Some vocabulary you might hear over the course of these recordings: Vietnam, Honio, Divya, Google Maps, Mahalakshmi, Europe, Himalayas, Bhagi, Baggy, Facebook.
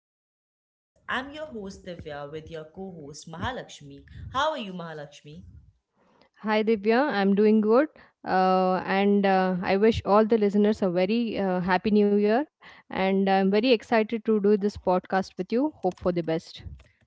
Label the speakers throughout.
Speaker 1: podcast series. I'm your host, Divya, with your co host, Mahalakshmi. How are you, Mahalakshmi?
Speaker 2: Hi Divya, I'm doing good. And I wish all the listeners a very happy new year. And I'm very excited to do this podcast with you. Hope for the best.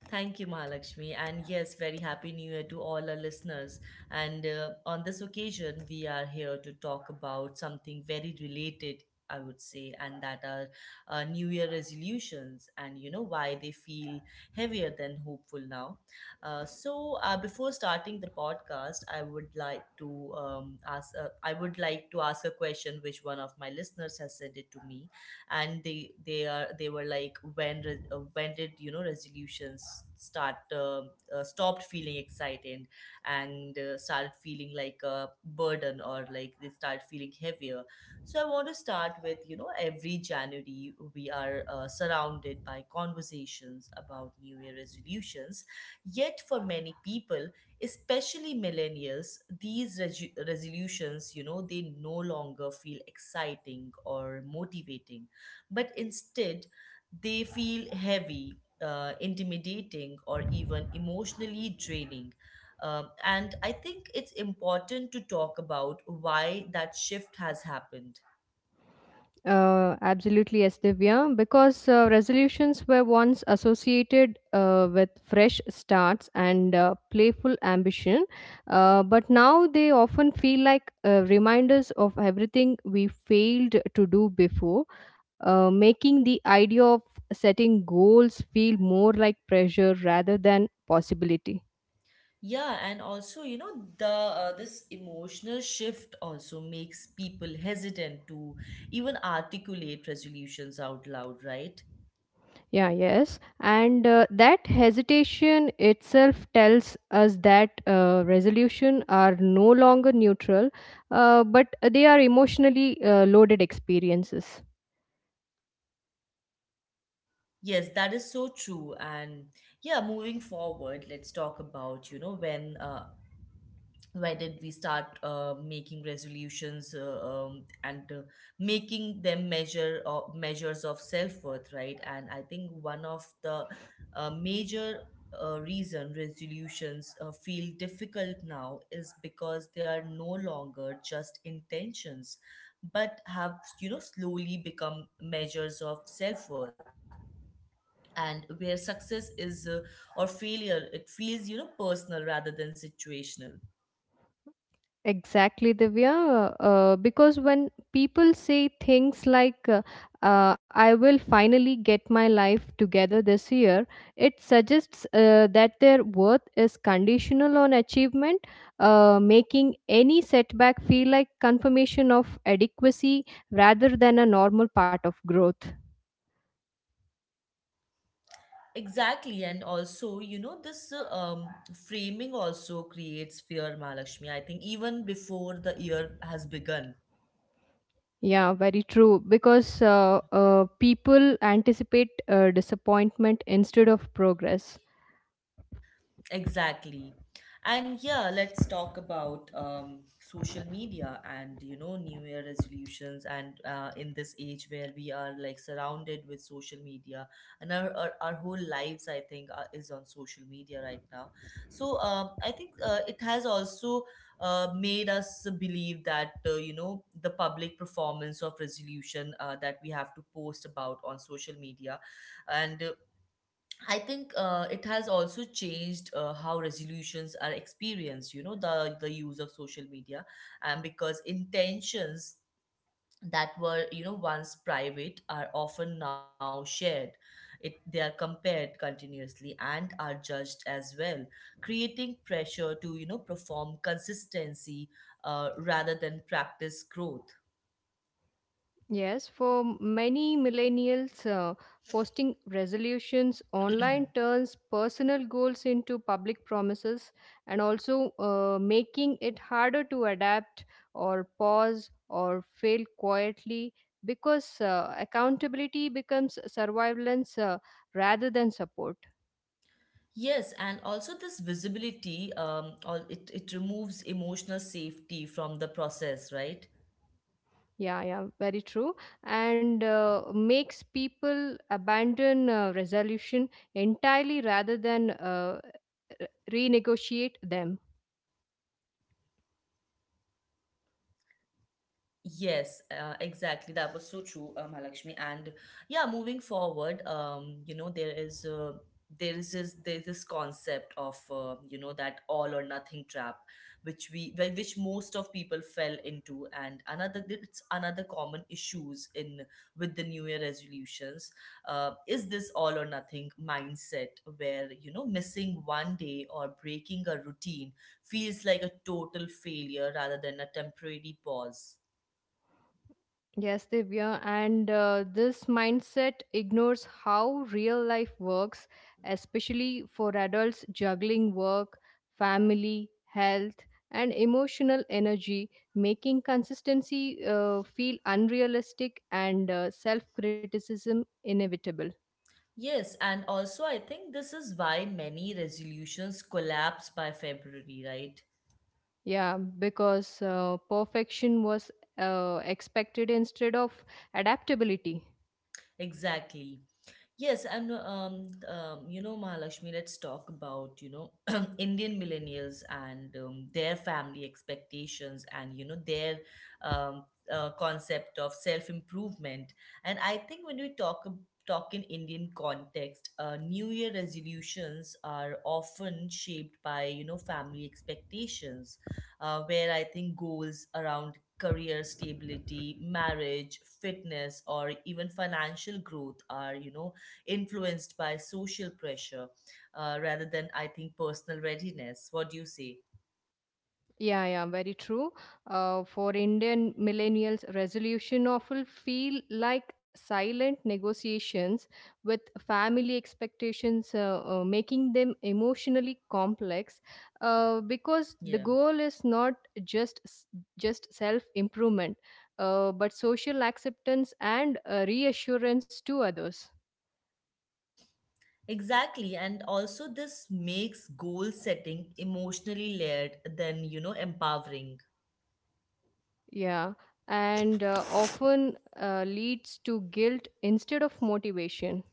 Speaker 1: Thank you, Mahalakshmi. And yes, very happy new year to all our listeners. And on this occasion, we are here to talk about something very related, I would say, and that are new year resolutions and you know why they feel heavier than hopeful now. Before starting the podcast, I would like to ask. I would like to ask a question, which one of my listeners has sent it to me and they were like when did you know resolutions start stopped feeling exciting and started feeling like a burden or like they started feeling heavier. So I want to start with, you know, every January we are surrounded by conversations about new year resolutions, yet for many people, especially millennials, these resolutions, you know, they no longer feel exciting or motivating, but instead they feel heavy, intimidating, or even emotionally draining. And I think it's important to talk about why that shift has happened.
Speaker 2: Absolutely, yes, Divya. Because resolutions were once associated with fresh starts and playful ambition, but now they often feel like reminders of everything we failed to do before, making the idea of setting goals feel more like pressure rather than possibility.
Speaker 1: Yeah, and also, you know, the this emotional shift also makes people hesitant to even articulate resolutions out loud, right?
Speaker 2: Yeah, yes. And that hesitation itself tells us that resolution are no longer neutral, but they are emotionally loaded experiences.
Speaker 1: Yes, that is so true. And yeah, moving forward, let's talk about, you know, when why did we start making resolutions, and making them measures of self-worth, right? And I think one of the major reason resolutions feel difficult now is because they are no longer just intentions, but have, you know, slowly become measures of self-worth, and where success is or failure, it feels, you know, personal rather than situational.
Speaker 2: Exactly, Divya. Because when people say things like, I will finally get my life together this year, it suggests that their worth is conditional on achievement, making any setback feel like confirmation of adequacy rather than a normal part of growth.
Speaker 1: Exactly, and also, you know, this framing also creates fear, Malakshmi. I think even before the year has begun.
Speaker 2: Yeah, very true. Because people anticipate disappointment instead of progress.
Speaker 1: Exactly. And yeah, let's talk about social media and, you know, New Year resolutions, and in this age where we are like surrounded with social media, and our whole lives, I think, is on social media right now. So I think it has also made us believe that you know, the public performance of resolution, that we have to post about on social media, and I think it has also changed how resolutions are experienced, you know, the use of social media, and because intentions that were, you know, once private are often now shared. They are compared continuously and are judged as well, creating pressure to, you know, perform consistency rather than practice growth.
Speaker 2: Yes, for many millennials, posting resolutions online turns personal goals into public promises and also making it harder to adapt or pause or fail quietly because accountability becomes surveillance rather than support.
Speaker 1: Yes, and also this visibility, it removes emotional safety from the process, right?
Speaker 2: Yeah, yeah, very true. And makes people abandon resolution entirely rather than renegotiate them.
Speaker 1: Yes, exactly. That was so true, Mahalakshmi. And yeah, moving forward, you know, there's this concept of, you know, that all or nothing trap, which most of people fell into, and another common issues in with the New Year resolutions, is this all or nothing mindset where, you know, missing one day or breaking a routine feels like a total failure rather than a temporary pause.
Speaker 2: Yes, Divya. And this mindset ignores how real life works, especially for adults juggling work, family, health, and emotional energy, making consistency feel unrealistic and self criticism inevitable.
Speaker 1: Yes, and also I think this is why many resolutions collapse by February, right?
Speaker 2: Yeah, because perfection was expected instead of adaptability.
Speaker 1: Exactly. Yes, and you know, Mahalakshmi, let's talk about, you know, Indian millennials and their family expectations and, you know, their um, concept of self-improvement. And I think when we talk in Indian context, New Year resolutions are often shaped by, you know, family expectations, where I think goals around career stability, marriage, fitness, or even financial growth are, you know, influenced by social pressure rather than, I think, personal readiness. What do you say?
Speaker 2: Yeah, yeah, very true. For Indian millennials, resolution often feel like silent negotiations with family expectations, making them emotionally complex. Because the
Speaker 1: Yeah,
Speaker 2: goal is not just s- just self improvement, but social acceptance and reassurance to others.
Speaker 1: exactly. And also, this makes goal setting emotionally layered than, you know, empowering.
Speaker 2: Yeah, and often leads to guilt instead of motivation.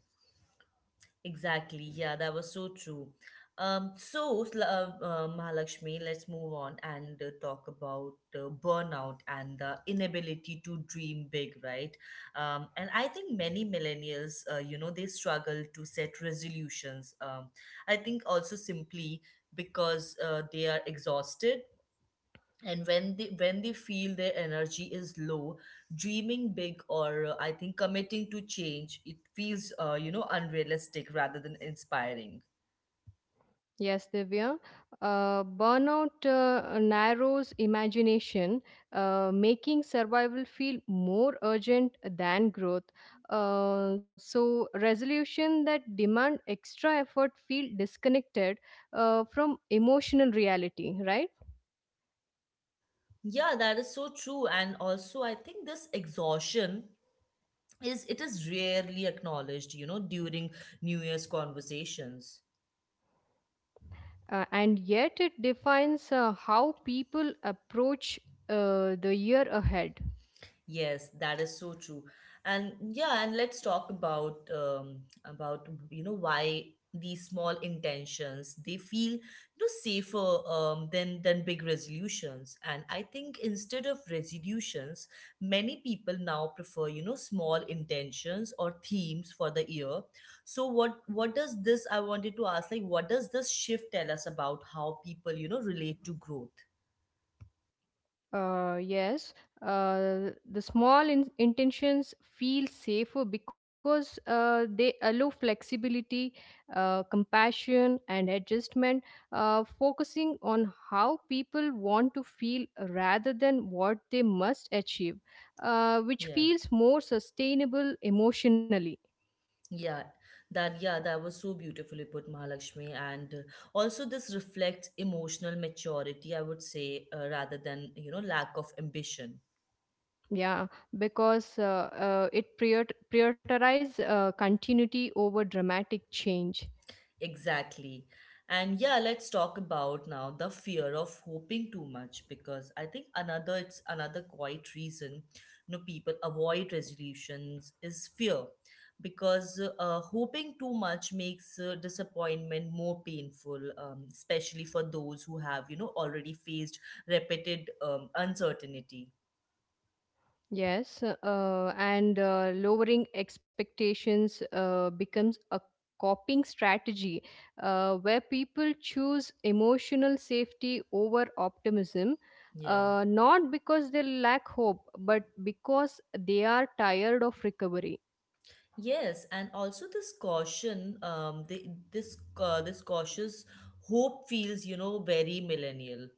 Speaker 1: Exactly. Yeah, that was so true. Mahalakshmi, let's move on and talk about burnout and the inability to dream big, right? And I think many millennials, you know, they struggle to set resolutions. I think also simply because they are exhausted, and when they feel their energy is low, dreaming big or, I think, committing to change, it feels, you know, unrealistic rather than inspiring.
Speaker 2: Yes, Divya. Burnout narrows imagination, making survival feel more urgent than growth. So, resolution that demand extra effort feel disconnected from emotional reality, right?
Speaker 1: Yeah, that is so true. And also I think this exhaustion is rarely acknowledged, you know, during new year's conversations.
Speaker 2: And yet, it defines how people approach the year ahead.
Speaker 1: Yes, that is so true. And yeah, and let's talk about about, you know, why these small intentions they feel, you know, safer than than big resolutions. And I think instead of resolutions, many people now prefer, you know, small intentions or themes for the year. So what does this? I wanted to ask, like, what does this shift tell us about how people, you know, relate to growth?
Speaker 2: Yes, the intentions feel safer because they allow flexibility, compassion, and adjustment, focusing on how people want to feel rather than what they must achieve, which
Speaker 1: Yeah.
Speaker 2: feels more sustainable emotionally.
Speaker 1: Yeah, that was so beautifully put, Mahalakshmi. And also, this reflects emotional maturity, I would say, rather than, you know, lack of ambition.
Speaker 2: Yeah, because it prioritizes continuity over dramatic change.
Speaker 1: Exactly. And yeah, let's talk about now the fear of hoping too much, because I think another quite reason, you know, people avoid resolutions is fear, because hoping too much makes disappointment more painful, especially for those who have, you know, already faced repeated uncertainty.
Speaker 2: Yes, and lowering expectations becomes a coping strategy where people choose emotional safety over optimism,
Speaker 1: Yeah.
Speaker 2: not because they lack hope, but because they are tired of recovery.
Speaker 1: Yes, and also this caution, the, this this cautious hope feels, you know, very millennial.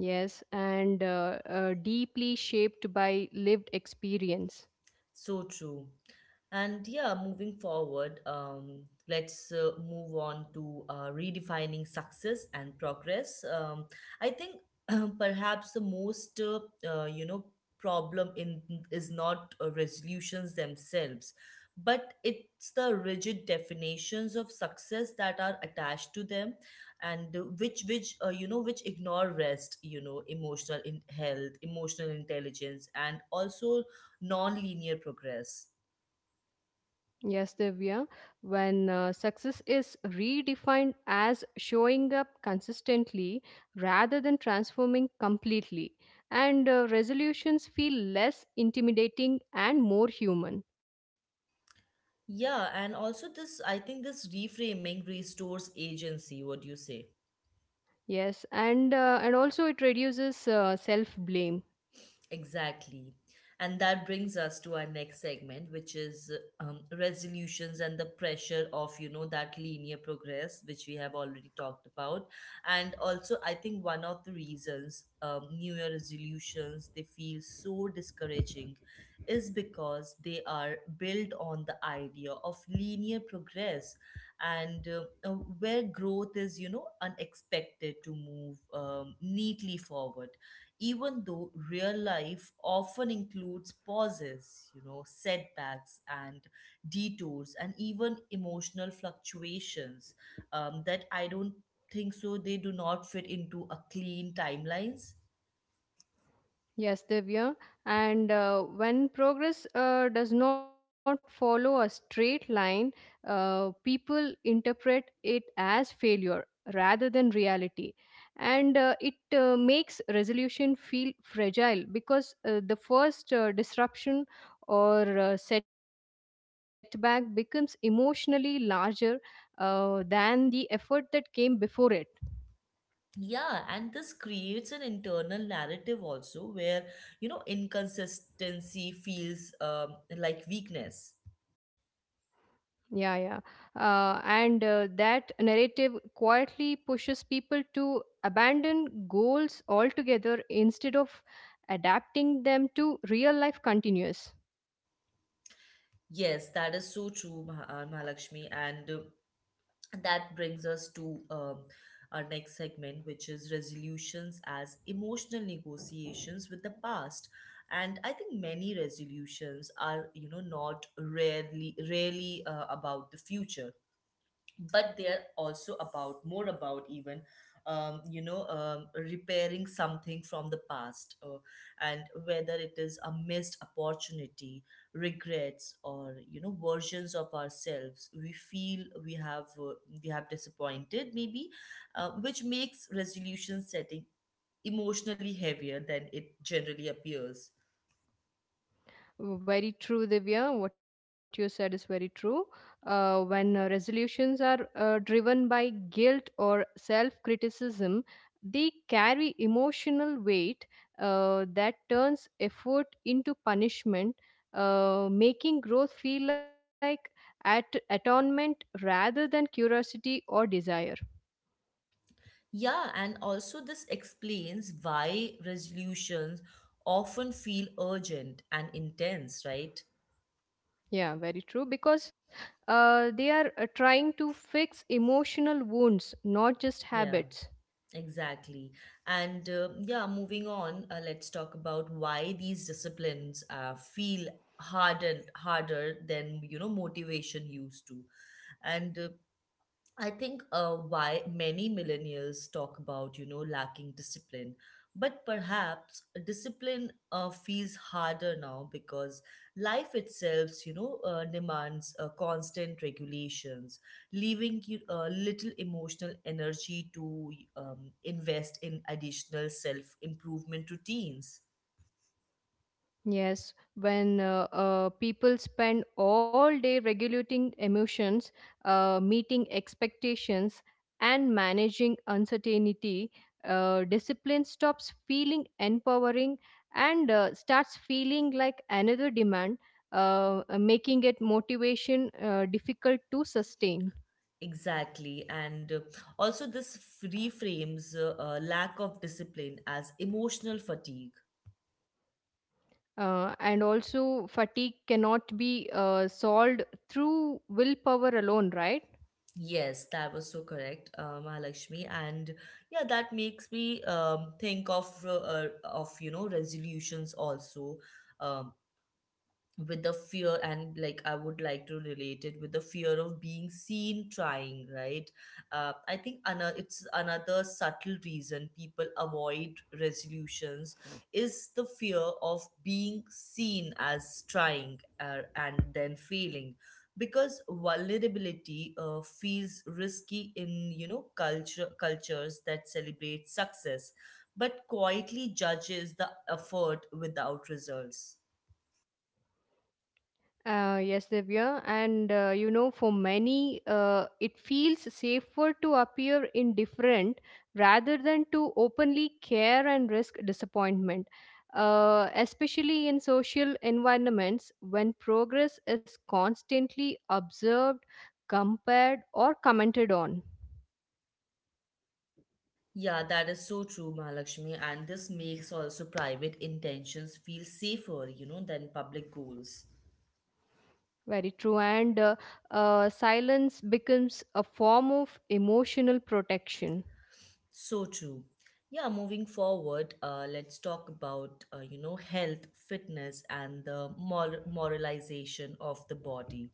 Speaker 2: Yes, and deeply shaped by lived experience.
Speaker 1: So true. And yeah, moving forward, let's move on to redefining success and progress. I think perhaps the most, you know, problem in is not resolutions themselves, but it's the rigid definitions of success that are attached to them, and which you know, which ignore rest, you know, health, emotional intelligence, and also non-linear progress.
Speaker 2: Yes, Divya. When success is redefined as showing up consistently rather than transforming completely, and resolutions feel less intimidating and more human.
Speaker 1: Yeah, and also this, I think this reframing restores agency. What do you say?
Speaker 2: Yes, and also it reduces self blame.
Speaker 1: Exactly. And that brings us to our next segment, which is resolutions and the pressure of, you know, that linear progress, which we have already talked about. And also, I think one of the reasons New Year resolutions, they feel so discouraging is because they are built on the idea of linear progress, and where growth is, you know, unexpected to move neatly forward, even though real life often includes pauses, you know, setbacks and detours, and even emotional fluctuations that I don't think so they do not fit into a clean timelines.
Speaker 2: Yes, Divya. And when progress does not follow a straight line, people interpret it as failure rather than reality. And it makes resolution feel fragile because the first disruption or setback becomes emotionally larger than the effort that came before it.
Speaker 1: Yeah, and this creates an internal narrative also where, you know, inconsistency feels like weakness.
Speaker 2: Yeah, yeah. And that narrative quietly pushes people to abandon goals altogether instead of adapting them to real life continuous.
Speaker 1: Yes, that is so true, Mahalakshmi. And that brings us to our next segment, which is resolutions as emotional negotiations with the past. And I think many resolutions are, you know, not rarely about the future, but they are also about more about even you know, repairing something from the past, and whether it is a missed opportunity, regrets, or, you know, versions of ourselves we feel we have disappointed maybe, which makes resolution setting emotionally heavier than it generally appears.
Speaker 2: Very true, Divya. What you said is very true. When resolutions are driven by guilt or self criticism, they carry emotional weight that turns effort into punishment, making growth feel like atonement rather than curiosity or desire.
Speaker 1: Yeah, and also this explains why resolutions often feel urgent and intense, right?
Speaker 2: Yeah, very true. Because they are trying to fix emotional wounds, not just
Speaker 1: Yeah,
Speaker 2: habits.
Speaker 1: exactly. And yeah, moving on, let's talk about why these disciplines feel harder than, you know, motivation used to. And I think why many millennials talk about, you know, lacking discipline. But perhaps discipline feels harder now because life itself, you know, demands constant regulations, leaving you little emotional energy to invest in additional self improvement routines.
Speaker 2: Yes, when people spend all day regulating emotions, meeting expectations, and managing uncertainty, discipline stops feeling empowering and starts feeling like another demand, making it motivation difficult to sustain.
Speaker 1: Exactly. And also, this reframes lack of discipline as emotional fatigue.
Speaker 2: And also, fatigue cannot be solved through willpower alone, right?
Speaker 1: Yes, that was so correct, Mahalakshmi, and yeah, that makes me think of you know, resolutions also, um, with the fear, and, like, I would like to relate it with the fear of being seen trying, right? I think another subtle reason people avoid resolutions is the fear of being seen as trying and then failing, because vulnerability feels risky in, you know, cultures that celebrate success but quietly judges the effort without results.
Speaker 2: Yes, Divya. And you know, for many, it feels safer to appear indifferent rather than to openly care and risk disappointment, especially in social environments when progress is constantly observed, compared, or commented on.
Speaker 1: Yeah, that is so true, Mahalakshmi. And this makes also private intentions feel safer, you know, than public goals.
Speaker 2: Very true. And silence becomes a form of emotional protection.
Speaker 1: So true. Yeah, moving forward, let's talk about, you know, health, fitness, and the moralization of the body.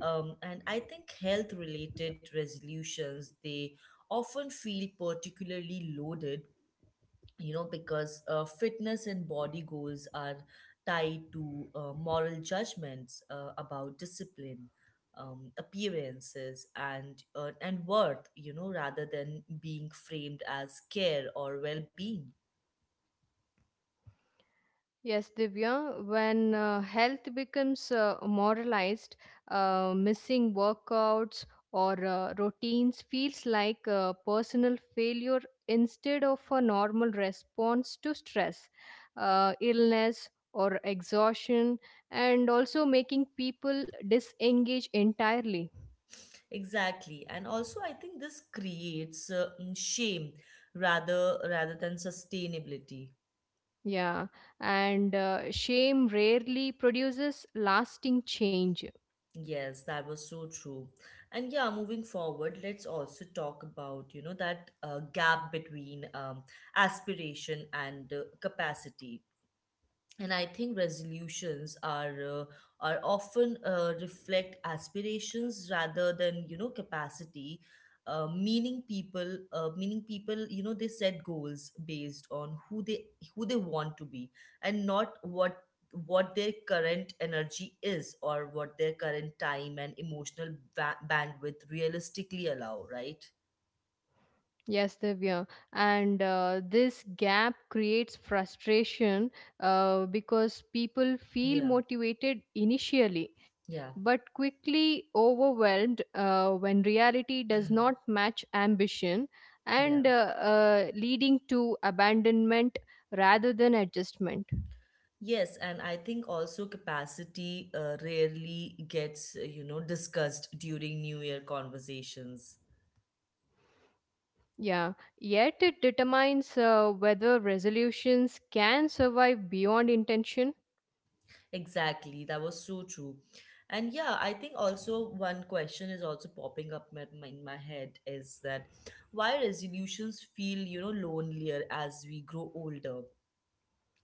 Speaker 1: And I think health related resolutions, they often feel particularly loaded, you know, because fitness and body goals are tied to moral judgments about discipline, appearances, and and worth, you know, rather than being framed as care or well-being.
Speaker 2: Yes, Divya, when health becomes moralized, missing workouts or routines feels like a personal failure instead of a normal response to stress, illness, or exhaustion, and also making people disengage entirely.
Speaker 1: Exactly. And also I think this creates shame rather than sustainability.
Speaker 2: Yeah, and shame rarely produces lasting change.
Speaker 1: Yes, that was so true. And yeah, moving forward, let's also talk about, you know, that gap between aspiration and capacity. And I think resolutions are often reflect aspirations rather than, you know, capacity, meaning people, you know, they set goals based on who they want to be, and not what their current energy is, or what their current time and emotional bandwidth realistically allow, right?
Speaker 2: Yes, Divya. And this gap creates frustration because people feel
Speaker 1: Yeah.
Speaker 2: motivated initially,
Speaker 1: Yeah.
Speaker 2: but quickly overwhelmed when reality does not match ambition
Speaker 1: Yeah.
Speaker 2: and leading to abandonment rather than adjustment.
Speaker 1: Yes, and I think also capacity rarely gets, you know, discussed during New Year conversations.
Speaker 2: Yeah. Yet it determines whether resolutions can survive beyond intention.
Speaker 1: Exactly, that was so true. And yeah, I think also one question is also popping up in my head is that why resolutions feel, you know, lonelier as we grow older?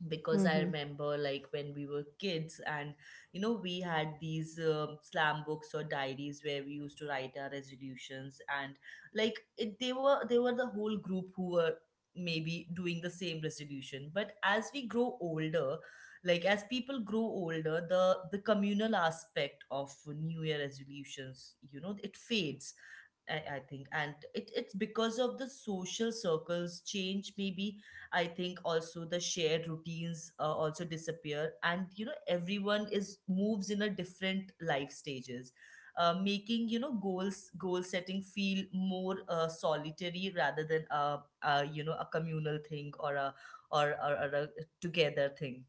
Speaker 1: Because I
Speaker 2: Mhm.
Speaker 1: remember, like, when we were kids and, you know, we had these slam books or diaries where we used to write our resolutions, and like it, they were the whole group who were maybe doing the same resolution. But as we grow older, like as people grow older, the communal aspect of new year resolutions, you know, it fades, I think. And it, it's because of the social circles change, maybe. I think also the shared routines also disappear, and, you know, everyone is moves in a different life stages, making, you know, goal setting feel more solitary, rather than a, you know, a communal thing, or a or a together thing.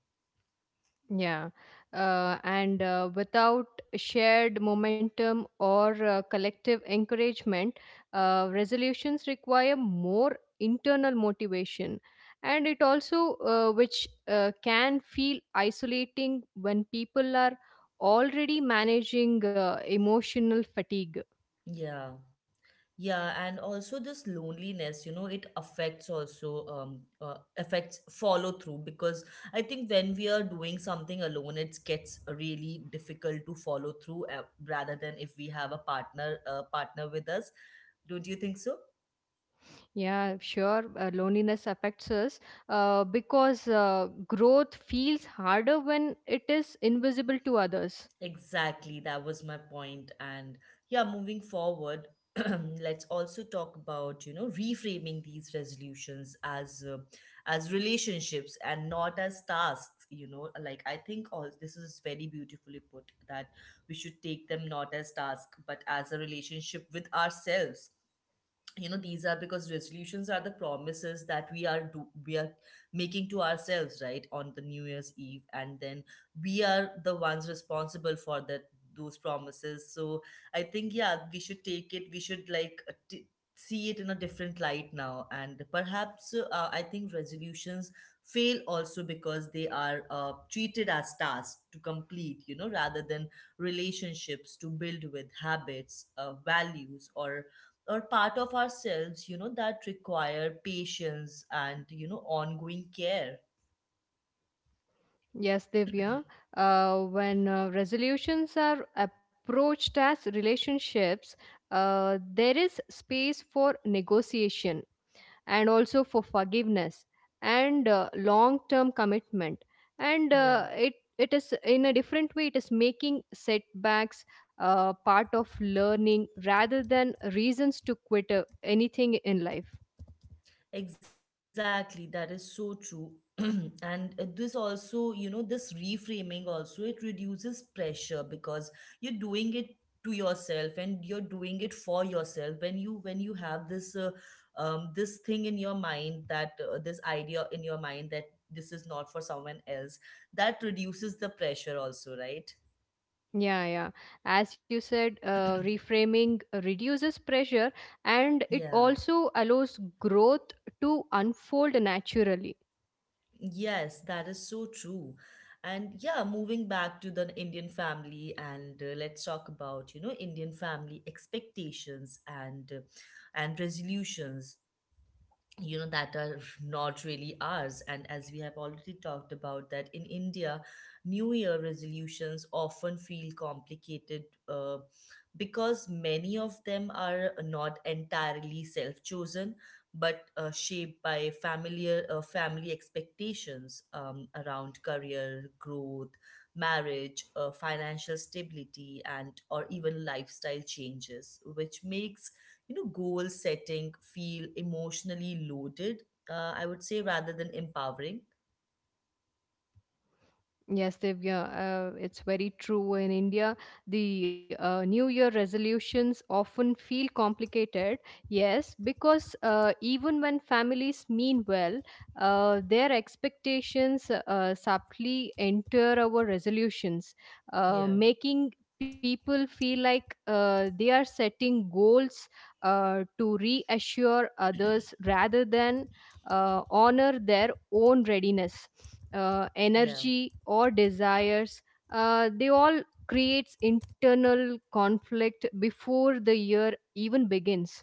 Speaker 2: Yeah, and without shared momentum or collective encouragement, resolutions require more internal motivation, and it also which can feel isolating when people are already managing emotional fatigue.
Speaker 1: Yeah. Yeah, and also this loneliness, you know, it affects also affects follow through because I think when we are doing something alone, it gets really difficult to follow through, rather than if we have a partner with us. Don't you think so?
Speaker 2: Yeah, sure, loneliness affects us because growth feels harder when it is invisible to others.
Speaker 1: Exactly, that was my point. And yeah, moving forward, let's also talk about, you know, reframing these resolutions as relationships and not as tasks, you know. Like, I think all this is very beautifully put, that we should take them not as task but as a relationship with ourselves, you know. These are, because resolutions are the promises that we are making to ourselves, right, on the new year's eve, and then we are the ones responsible for that those promises. So I think, yeah, we should take it, we should like, see it in a different light now. And perhaps I think resolutions fail also because they are treated as tasks to complete, you know, rather than relationships to build with habits, values, or part of ourselves, you know, that require patience and, you know, ongoing care.
Speaker 2: Yes, Divya. When resolutions are approached as relationships, there is space for negotiation and also for forgiveness and long-term commitment. And it
Speaker 1: Yeah.
Speaker 2: it is in a different way. It is making setbacks part of learning rather than reasons to quit anything in life.
Speaker 1: Exactly, that is so true. And this also, you know, this reframing also, it reduces pressure because you're doing it to yourself, and you're doing it for yourself. When you have this, this thing in your mind, that this idea in your mind, that this is not for someone else, that reduces the pressure also, right?
Speaker 2: Yeah, yeah. As you said, reframing reduces pressure and it
Speaker 1: Yeah.
Speaker 2: also allows growth to unfold naturally.
Speaker 1: Yes, that is so true. And yeah, moving back to the Indian family, and let's talk about, you know, Indian family expectations and and resolutions, you know, that are not really ours. And as we have already talked about, that in India, new year resolutions often feel complicated, uh, because many of them are not entirely self chosen, but shaped by familiar family expectations, around career growth, marriage, financial stability, and or even lifestyle changes, which makes, you know, goal setting feel emotionally loaded, I would say, rather than empowering.
Speaker 2: Yes, Divya, it's very true. In India, the New Year resolutions often feel complicated. Yes, because even when families mean well, their expectations subtly enter our resolutions,
Speaker 1: Yeah.
Speaker 2: making people feel like they are setting goals to reassure others rather than honor their own readiness,
Speaker 1: Yeah.
Speaker 2: energy or desires. They all creates internal conflict before the year even begins.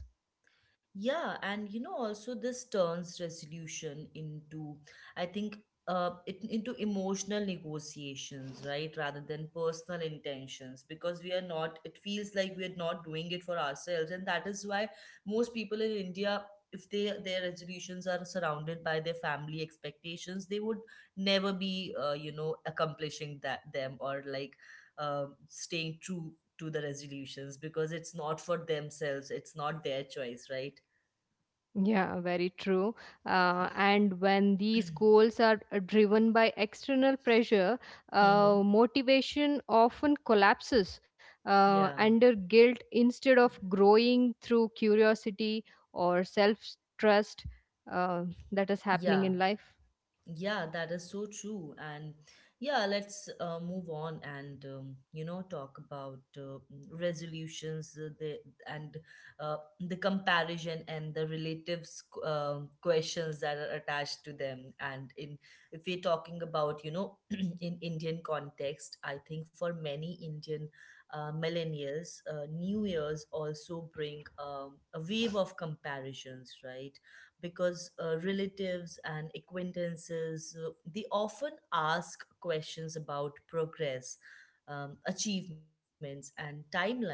Speaker 1: Yeah, and you know, also this turns resolution into, I think, into emotional negotiations, right? Rather than personal intentions. Because we are not, it feels like we are not doing it for ourselves. And that is why most people in India, if they their resolutions are surrounded by their family expectations, they would never be, you know, accomplishing that them, or like staying true to the resolutions, because it's not for themselves, it's not their choice, right?
Speaker 2: Yeah, very true. And when these goals are driven by external pressure,
Speaker 1: Mm-hmm.
Speaker 2: motivation often collapses
Speaker 1: Yeah.
Speaker 2: under guilt instead of growing through curiosity or self trust uh, that is
Speaker 1: Yeah.
Speaker 2: happening in life.
Speaker 1: Yeah, that is so true. And yeah, let's move on and you know, talk about resolutions, and the comparison and the relative questions that are attached to them. And in if we're talking about, you know, in Indian context, I think for many Indian millennials, New Year's also bring a wave of comparisons, right? Because relatives and acquaintances they often ask questions about progress, achievements, and timelines,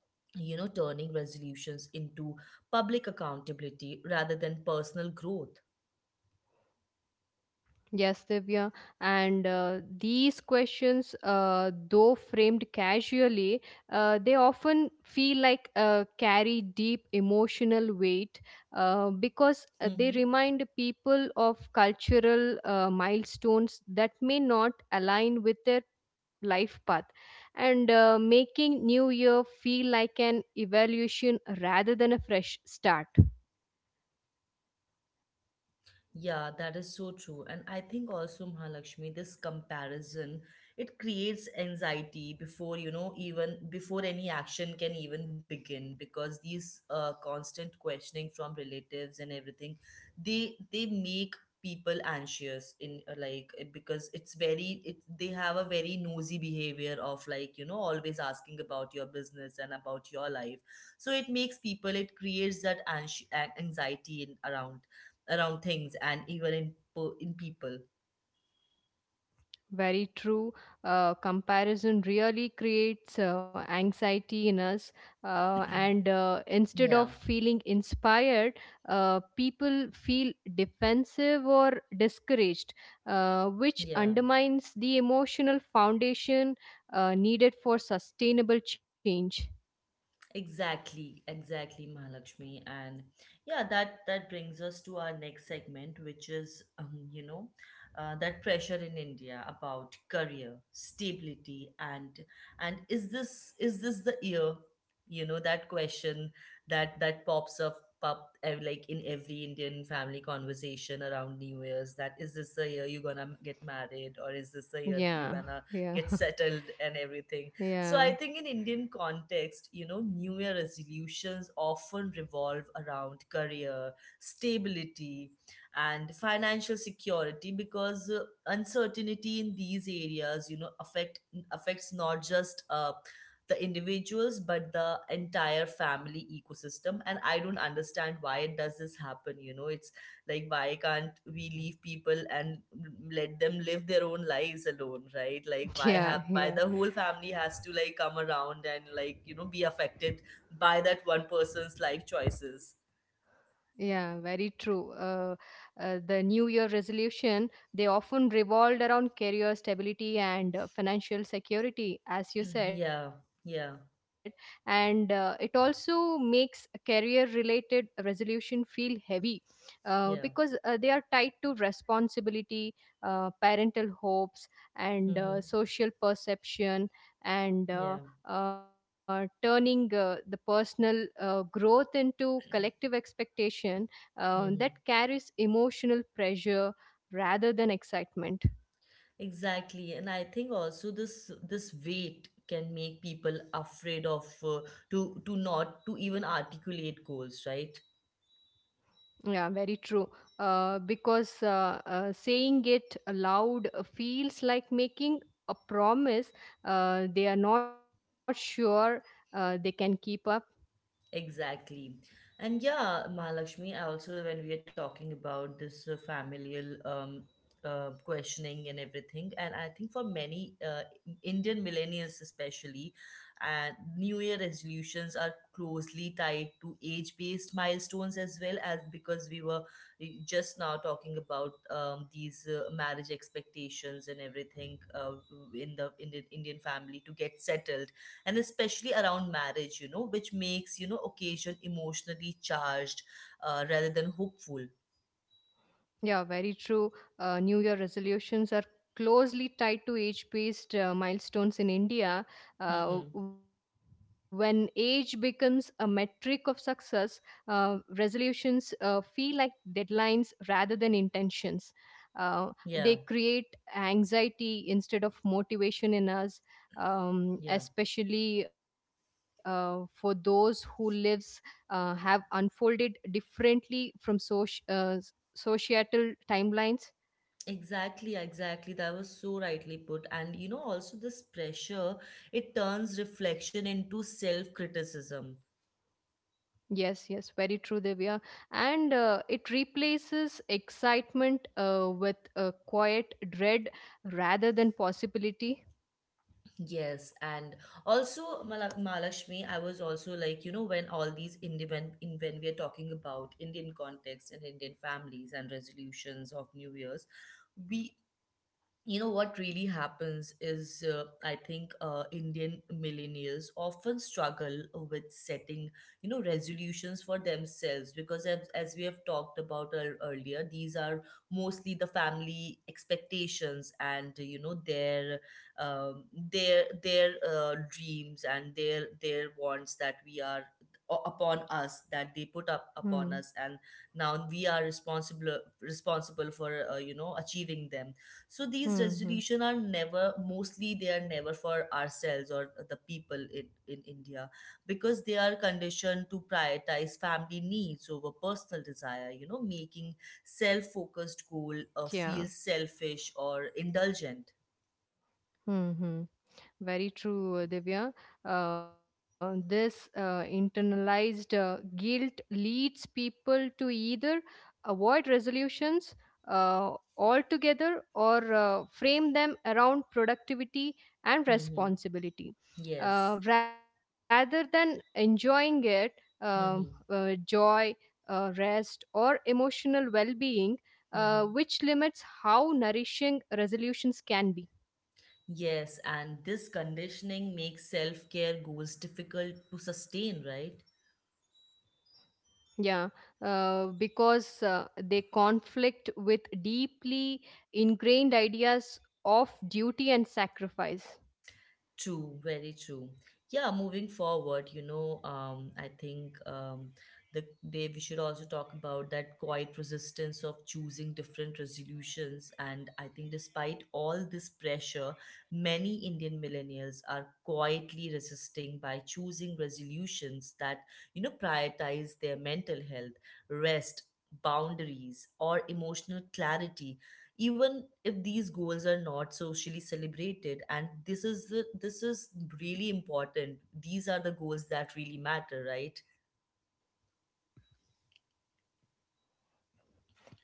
Speaker 1: you know, turning resolutions into public accountability rather than personal growth.
Speaker 2: Yes, Divya. And these questions, though framed casually, they often feel like carry deep emotional weight because they
Speaker 1: Mm-hmm.
Speaker 2: remind people of cultural milestones that may not align with their life path and making new year feel like an evaluation rather than a fresh start.
Speaker 1: Yeah, that is so true. And I think also, Mahalakshmi, this comparison, it creates anxiety before, you know, even before any action can even begin. Because these constant questioning from relatives and everything, they make people anxious in, like it- because it's very it, they have a very nosy behavior of, like, you know, always asking about your business and about your life. So it makes people, it creates that anxiety in, around around things, and even in in people.
Speaker 2: Very true. Comparison really creates anxiety in us, and instead
Speaker 1: Yeah,
Speaker 2: of feeling inspired, people feel defensive or discouraged, which
Speaker 1: yeah.
Speaker 2: undermines the emotional foundation needed for sustainable change.
Speaker 1: Exactly, exactly, Mahalakshmi. And yeah, that brings us to our next segment, which is, you know, that pressure in India about career, stability, and is this the year? You know, that question that pops up like in every Indian family conversation around New Year's. That is this the year you're gonna get married, or is this the year that you're
Speaker 2: Yeah,
Speaker 1: gonna get
Speaker 2: yeah,
Speaker 1: settled and everything? So I
Speaker 2: yeah,
Speaker 1: think in Indian context, you know, New Year resolutions often revolve around career, stability, and financial security. Because uncertainty in these areas, you know, affects not just the individuals, but the entire family ecosystem. And I don't understand why it does this happen. You know, it's like, why can't we leave people and let them live their own lives alone, right? Like, why have, why
Speaker 2: yeah,
Speaker 1: the whole
Speaker 2: yeah.
Speaker 1: family has to, like, come around and, like, you know, be affected by that one person's life choices.
Speaker 2: Yeah, very true. The New Year resolution, they often revolved around career stability and financial security,
Speaker 1: Yeah.
Speaker 2: as you said.
Speaker 1: Yeah.
Speaker 2: And it also makes career-related resolution feel heavy
Speaker 1: Yeah.
Speaker 2: because they are tied to responsibility, parental hopes,
Speaker 1: Mm-hmm.
Speaker 2: and social perception
Speaker 1: Yeah.
Speaker 2: and turning the personal growth into collective expectation
Speaker 1: Mm-hmm.
Speaker 2: that carries emotional pressure rather than excitement.
Speaker 1: Exactly. And I think also this weight can make people afraid of, to not to even articulate goals, right?
Speaker 2: Yeah, very true. Because saying it aloud feels like making a promise they are not sure they can keep up.
Speaker 1: Exactly. And yeah, Mahalakshmi, I also, when we are talking about this familial, questioning and everything. And I think for many Indian millennials, especially, and New Year resolutions are closely tied to age based milestones as well. As because we were just now talking about, these marriage expectations and everything, in the Indian family to get settled, and especially around marriage, you know, which makes, you know, occasion emotionally charged rather than hopeful.
Speaker 2: Yeah, very true. New Year resolutions are closely tied to age based milestones in India.
Speaker 1: Mm-hmm.
Speaker 2: When age becomes a metric of success, resolutions feel like deadlines rather than intentions. Uh, they
Speaker 1: Yeah.
Speaker 2: create anxiety instead of motivation in us,
Speaker 1: Yeah.
Speaker 2: especially for those who lives have unfolded differently from social societal timelines.
Speaker 1: Exactly, exactly, that was so rightly put. And you know, also this pressure, it turns reflection into self criticism.
Speaker 2: Yes, yes, very true, Divya. And it replaces excitement with a quiet dread rather than possibility.
Speaker 1: Yes. And also Mala- malakshmi I was also like, you know, when all these Indian, in when we are talking about Indian context and Indian families and resolutions of new years, we you know what really happens is, I think Indian millennials often struggle with setting, you know, resolutions for themselves. Because as we have talked about earlier, these are mostly the family expectations, and, you know, their, um, their dreams, and their wants, that we are upon us, that they put up
Speaker 2: Hmm.
Speaker 1: upon us. And now we are responsible for, you know, achieving them. So these
Speaker 2: Hmm. Hmm.
Speaker 1: resolution are never, mostly they are never for ourselves, or the people in India. Because they are conditioned to prioritize family needs over personal desire, you know, making self-focused goal
Speaker 2: Yeah.
Speaker 1: feel selfish or indulgent.
Speaker 2: Hmm. Hmm. Very true, Divya. This internalized guilt leads people to either avoid resolutions uh, altogether or frame them around productivity
Speaker 1: Mm-hmm.
Speaker 2: and responsibility.
Speaker 1: Yes.
Speaker 2: Rather than enjoying it,
Speaker 1: Mm-hmm.
Speaker 2: joy, rest, or emotional well being, which
Speaker 1: Mm-hmm.
Speaker 2: limits how nourishing resolutions can be.
Speaker 1: Yes, and this conditioning makes self-care goals difficult to sustain, right?
Speaker 2: Yeah, because they conflict with deeply ingrained ideas of duty and sacrifice.
Speaker 1: True, very true. Yeah, moving forward, you know, I think, the they we should also talk about that quiet resistance of choosing different resolutions. And I think, despite all this pressure, many Indian millennials are quietly resisting by choosing resolutions that, you know, prioritize their mental health, rest, boundaries, or emotional clarity, even if these goals are not socially celebrated. And this is this is really important. These are the goals that really matter, right?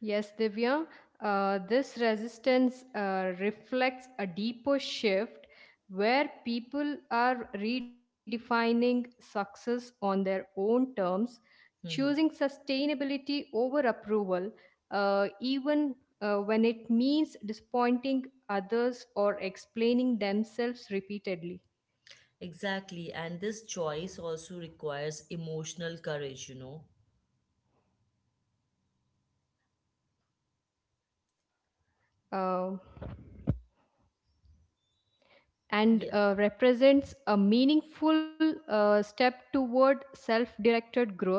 Speaker 2: Yes, Divya, this resistance reflects a deeper shift where people are redefining success on their own terms, choosing
Speaker 1: Hmm.
Speaker 2: sustainability over approval, even when it means disappointing others or explaining themselves repeatedly.
Speaker 1: Exactly. And this choice also requires emotional courage, you know.
Speaker 2: Uh, and
Speaker 1: Yeah.
Speaker 2: represents a meaningful step toward self directed growth.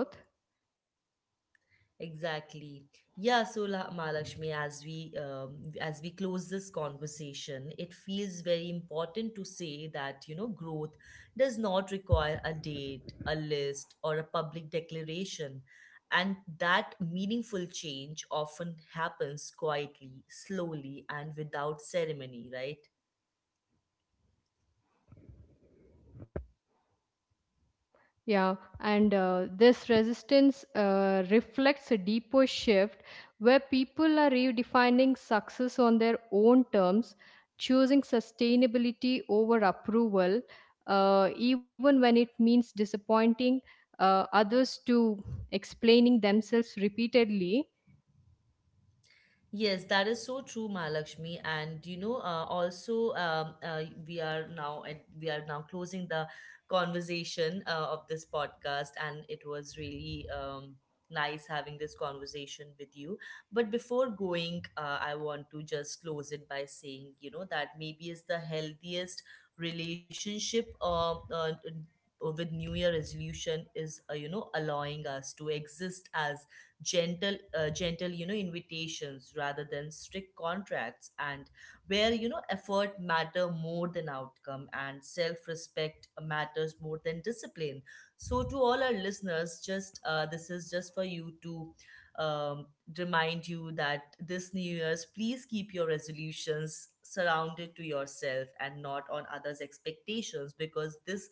Speaker 1: Exactly. Yeah, so Mahalakshmi, as we, as we close this conversation, it feels very important to say that, you know, growth does not require a date, a list, or a public declaration, and that meaningful change often happens quietly, slowly, and without ceremony, right?
Speaker 2: Yeah, and this resistance reflects a deeper shift where people are redefining success on their own terms, choosing sustainability over approval, even when it means disappointing others to explaining themselves repeatedly.
Speaker 1: Yes, that is so true, Mahalakshmi. And you know, also, we are now we are now closing the conversation of this podcast, and it was really, nice having this conversation with you. But before going, I want to just close it by saying, you know, that maybe is the healthiest relationship with New Year resolution is, you know, allowing us to exist as gentle, you know, invitations rather than strict contracts, and where, you know, effort matter more than outcome, and self respect matters more than discipline. So to all our listeners, just, this is just for you to, um, remind you that this new year's, please keep your resolutions surrounded to yourself, and not on others expectations. Because this,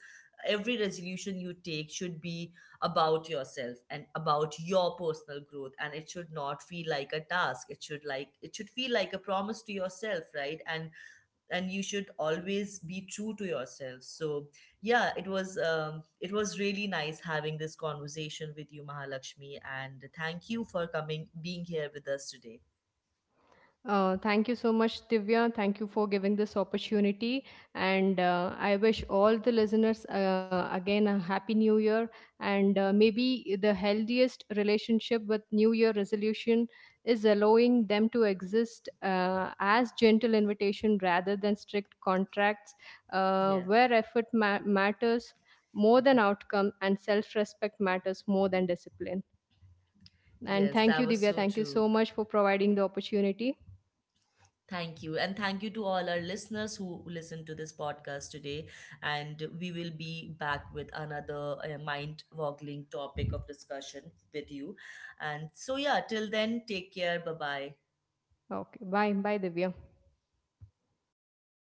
Speaker 1: every resolution you take should be about yourself and about your personal growth, and it should not feel like a task, it should like, it should feel like a promise to yourself, right? And you should always be true to yourself. So yeah, it was, it was really nice having this conversation with you, Mahalakshmi, and thank you for coming being here with us today.
Speaker 2: Thank you so much, Divya. Thank you for giving this opportunity. And I wish all the listeners again a happy new year and maybe the healthiest relationship with new year resolution is allowing them to exist as gentle invitation rather than strict contracts
Speaker 1: Yeah.
Speaker 2: where effort matters more than outcome and self-respect matters more than discipline.
Speaker 1: Yes,
Speaker 2: And
Speaker 1: that
Speaker 2: thank
Speaker 1: was
Speaker 2: you,
Speaker 1: so
Speaker 2: Divya. Thank
Speaker 1: true.
Speaker 2: you so much for providing the opportunity.
Speaker 1: Thank you. And thank you to all our listeners who listened to this podcast today. And we will be back with another mind boggling topic of discussion with you. And so, yeah, till then, take care. Bye bye.
Speaker 2: Okay. Bye. Bye, Divya.